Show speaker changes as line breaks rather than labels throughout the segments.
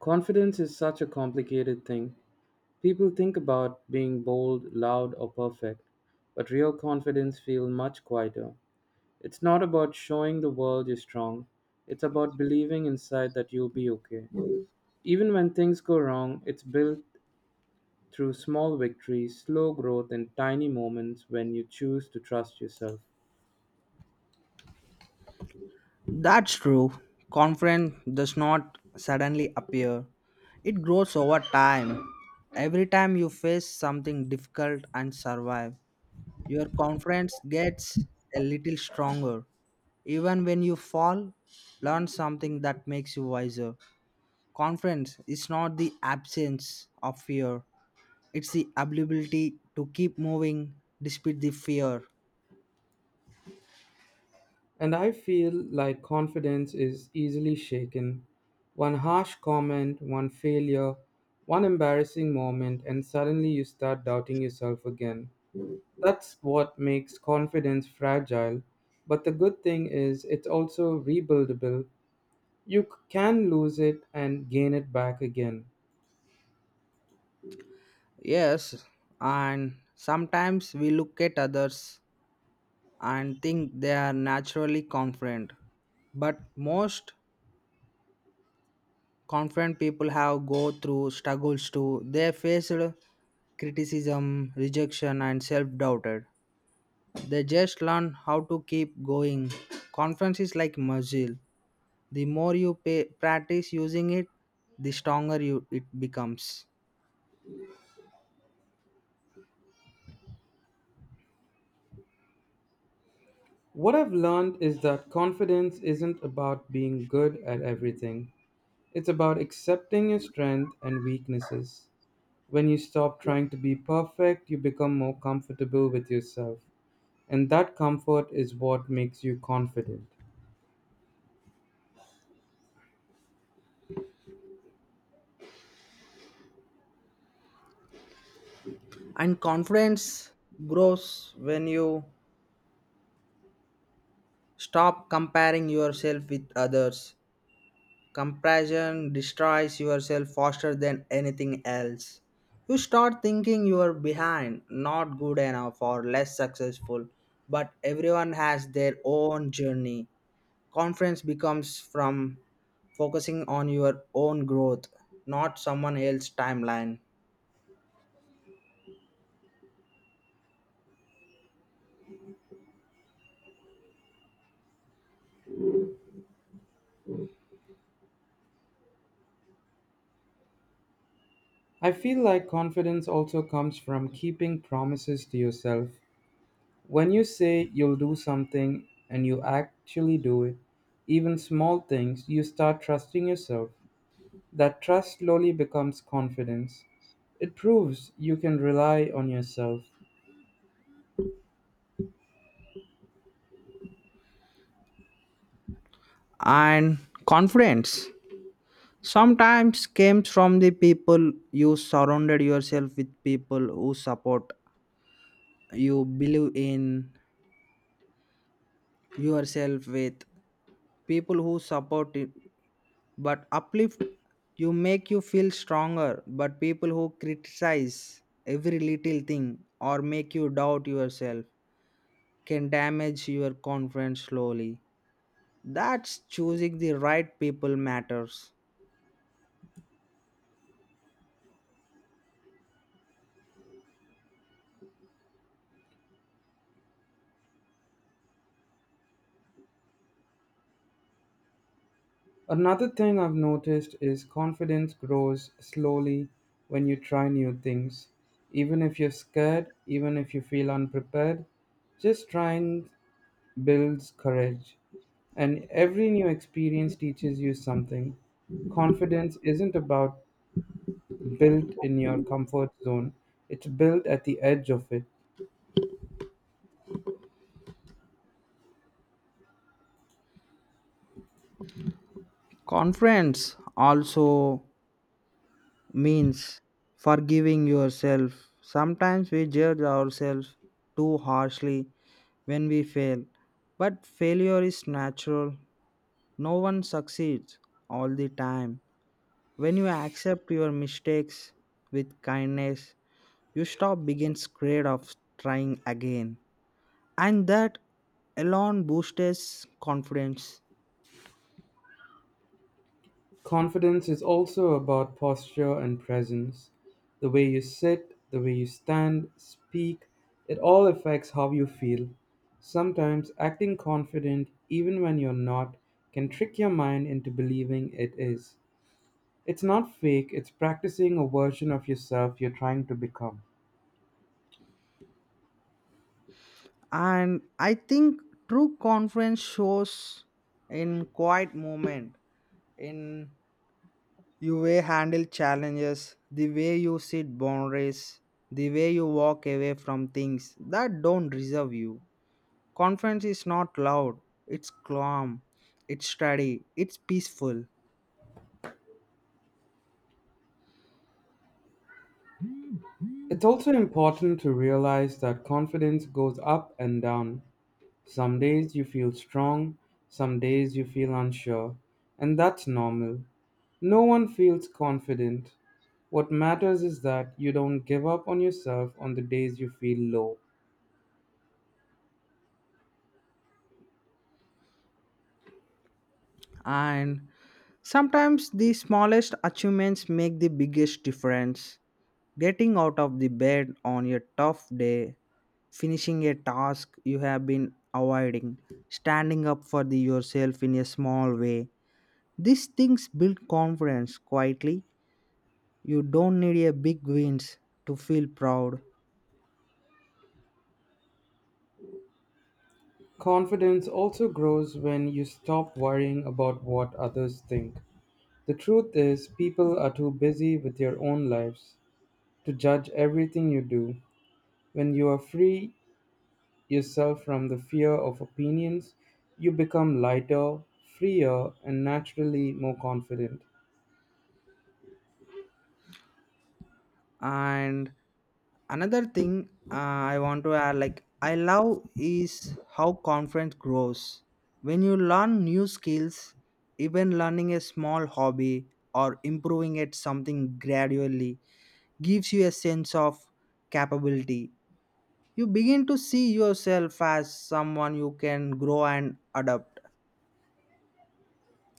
Confidence is such a complicated thing. People think about being bold, loud, or perfect, but real confidence feels much quieter. It's not about showing the world you're strong, it's about believing inside that you'll be okay. Even when things go wrong, it's built through small victories, slow growth, and tiny moments when you choose to trust yourself.
That's true. Confidence does not suddenly appear, it grows over time. Every time you face something difficult and survive, your confidence gets a little stronger. Even when you fall, learn something that makes you wiser. Confidence is not the absence of fear, it's the ability to keep moving despite the fear.
And I feel like confidence is easily shaken. One harsh comment, one failure, one embarrassing moment, and suddenly you start doubting yourself again. That's what makes confidence fragile. But the good thing is, it's also rebuildable. You can lose it and gain it back again.
Yes, and sometimes we look at others and think they are naturally confident. But most confident people have go through struggles too. They faced criticism, rejection, and self-doubted. They just learn how to keep going. Confidence is like muscle. The more you pay, practice using it, the stronger you it becomes.
What I've learned is that confidence isn't about being good at everything, it's about accepting your strength and weaknesses. When you stop trying to be perfect, you become more comfortable with yourself. And that comfort is what makes you confident.
And confidence grows when you stop comparing yourself with others. Comparison destroys yourself faster than anything else. You start thinking you are behind, not good enough, or less successful, but everyone has their own journey. Confidence becomes from focusing on your own growth, not someone else's timeline.
I feel like confidence also comes from keeping promises to yourself. When you say you'll do something and you actually do it, even small things, you start trusting yourself. That trust slowly becomes confidence. It proves you can rely on yourself.
And confidence sometimes comes from the people you surrounded yourself with, people who support you, believe in yourself with people who support it but uplift you make you feel stronger, but people who criticize every little thing or make you doubt yourself can damage your confidence slowly. That's choosing the right people matters.
Another thing I've noticed is confidence grows slowly when you try new things. Even if you're scared, even if you feel unprepared, just trying builds courage. And every new experience teaches you something. Confidence isn't about built in your comfort zone, it's built at the edge of it.
Confidence also means forgiving yourself. Sometimes we judge ourselves too harshly when we fail, but failure is natural. No one succeeds all the time. When you accept your mistakes with kindness, you stop being scared of trying again. And that alone boosts confidence.
Confidence is also about posture and presence. The way you sit, the way you stand, speak, it all affects how you feel. Sometimes acting confident, even when you're not, can trick your mind into believing it is. It's not fake, it's practicing a version of yourself you're trying to become.
And I think true confidence shows in quiet moment, in you way handle challenges, the way you set boundaries, the way you walk away from things that don't deserve you. Conference is not loud, it's calm, it's steady, it's peaceful.
It's also important to realize that confidence goes up and down. Some days you feel strong, some days you feel unsure, and that's normal. No one feels confident. What matters is that you don't give up on yourself on the days you feel low.
And sometimes the smallest achievements make the biggest difference. Getting out of the bed on your tough day, finishing a task you have been avoiding, standing up for the yourself in a small way. These things build confidence quietly. You don't need a big wins to feel proud.
Confidence also grows when you stop worrying about what others think. The truth is, people are too busy with their own lives to judge everything you do. When you are free, yourself from the fear of opinions, you become lighter, freer, and naturally more confident.
And another thing, I want to add, like I love, is how confidence grows when you learn new skills. Even learning a small hobby or improving at something gradually gives you a sense of capability. You begin to see yourself as someone you can grow and adapt.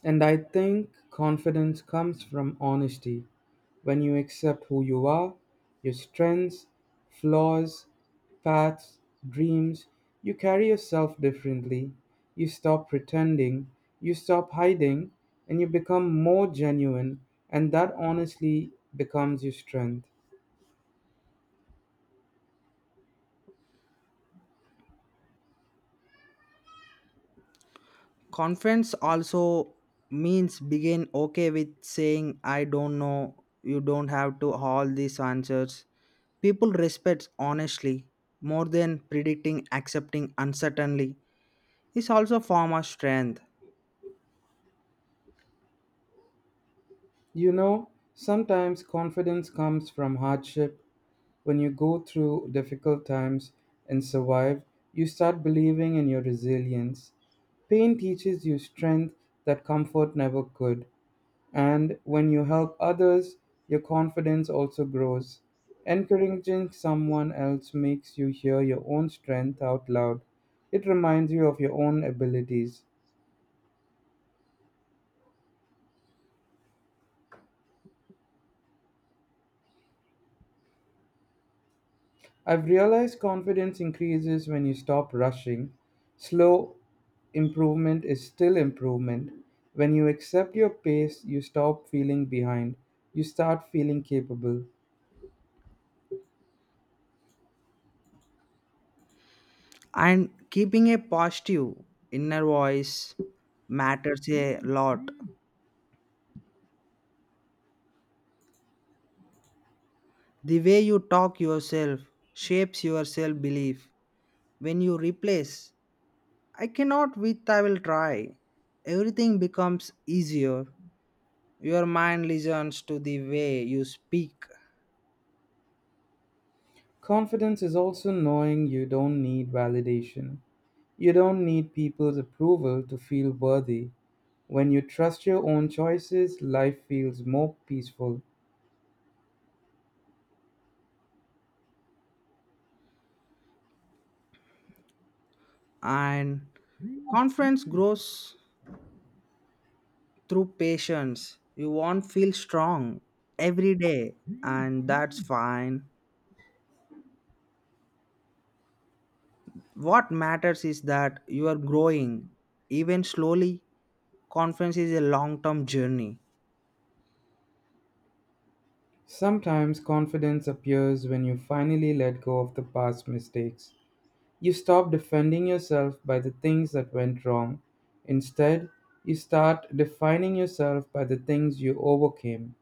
And I think confidence comes from honesty. When you accept who you are, your strengths, flaws, paths, dreams, you carry yourself differently. You stop pretending, you stop hiding, and you become more genuine, and that honestly becomes your strength.
Conference also means begin okay with saying, I don't know, you don't have to all these answers. People respect honestly more than predicting, accepting uncertainly is also a form of strength.
You know, sometimes confidence comes from hardship. When you go through difficult times and survive, you start believing in your resilience. Pain teaches you strength that comfort never could. And when you help others, your confidence also grows. Encouraging someone else makes you hear your own strength out loud. It reminds you of your own abilities. I've realized confidence increases when you stop rushing. Slow improvement is still improvement. When you accept your pace, you stop feeling behind. You start feeling capable.
And keeping a positive inner voice matters a lot. The way you talk yourself shapes your self belief. When you replace I cannot with I will try. Everything becomes easier. Your mind listens to the way you speak.
Confidence is also knowing you don't need validation. You don't need people's approval to feel worthy. When you trust your own choices, life feels more peaceful.
And confidence grows through patience. You won't feel strong every day, and that's fine. What matters is that you are growing even slowly. Confidence is a long-term journey.
Sometimes confidence appears when you finally let go of the past mistakes. You stop defending yourself by the things that went wrong. Instead, you start defining yourself by the things you overcame.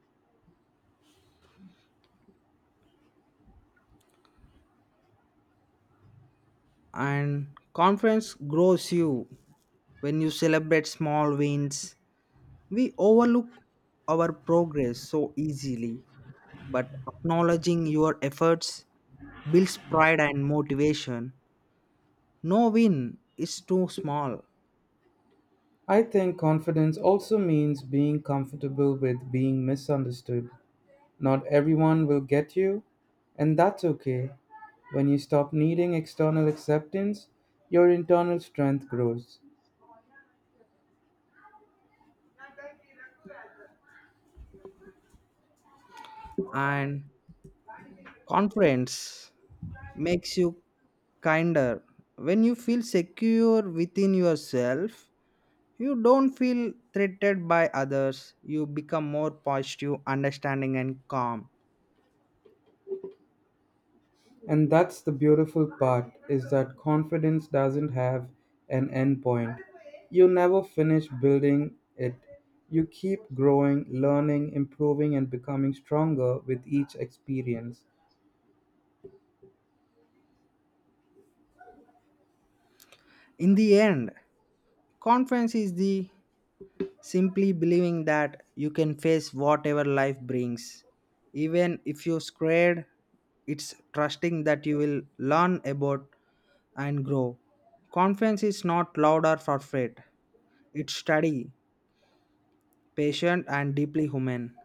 And confidence grows you when you celebrate small wins. We overlook our progress so easily, but acknowledging your efforts builds pride and motivation. No win is too small,
I think confidence also means being comfortable with being misunderstood. Not everyone will get you, and that's okay. When you stop needing external acceptance, your internal strength grows.
and confidence makes you kinder. When you feel secure within yourself, you don't feel threatened by others. You become more positive, understanding, and calm.
And that's the beautiful part is that confidence doesn't have an end point. You never finish building it. You keep growing, learning, improving and becoming stronger with each experience.
In the end, confidence is the simply believing that you can face whatever life brings. Even if you're scared, it's trusting that you will learn about and grow. Confidence is not loud or perfect. It's steady, patient, and deeply human.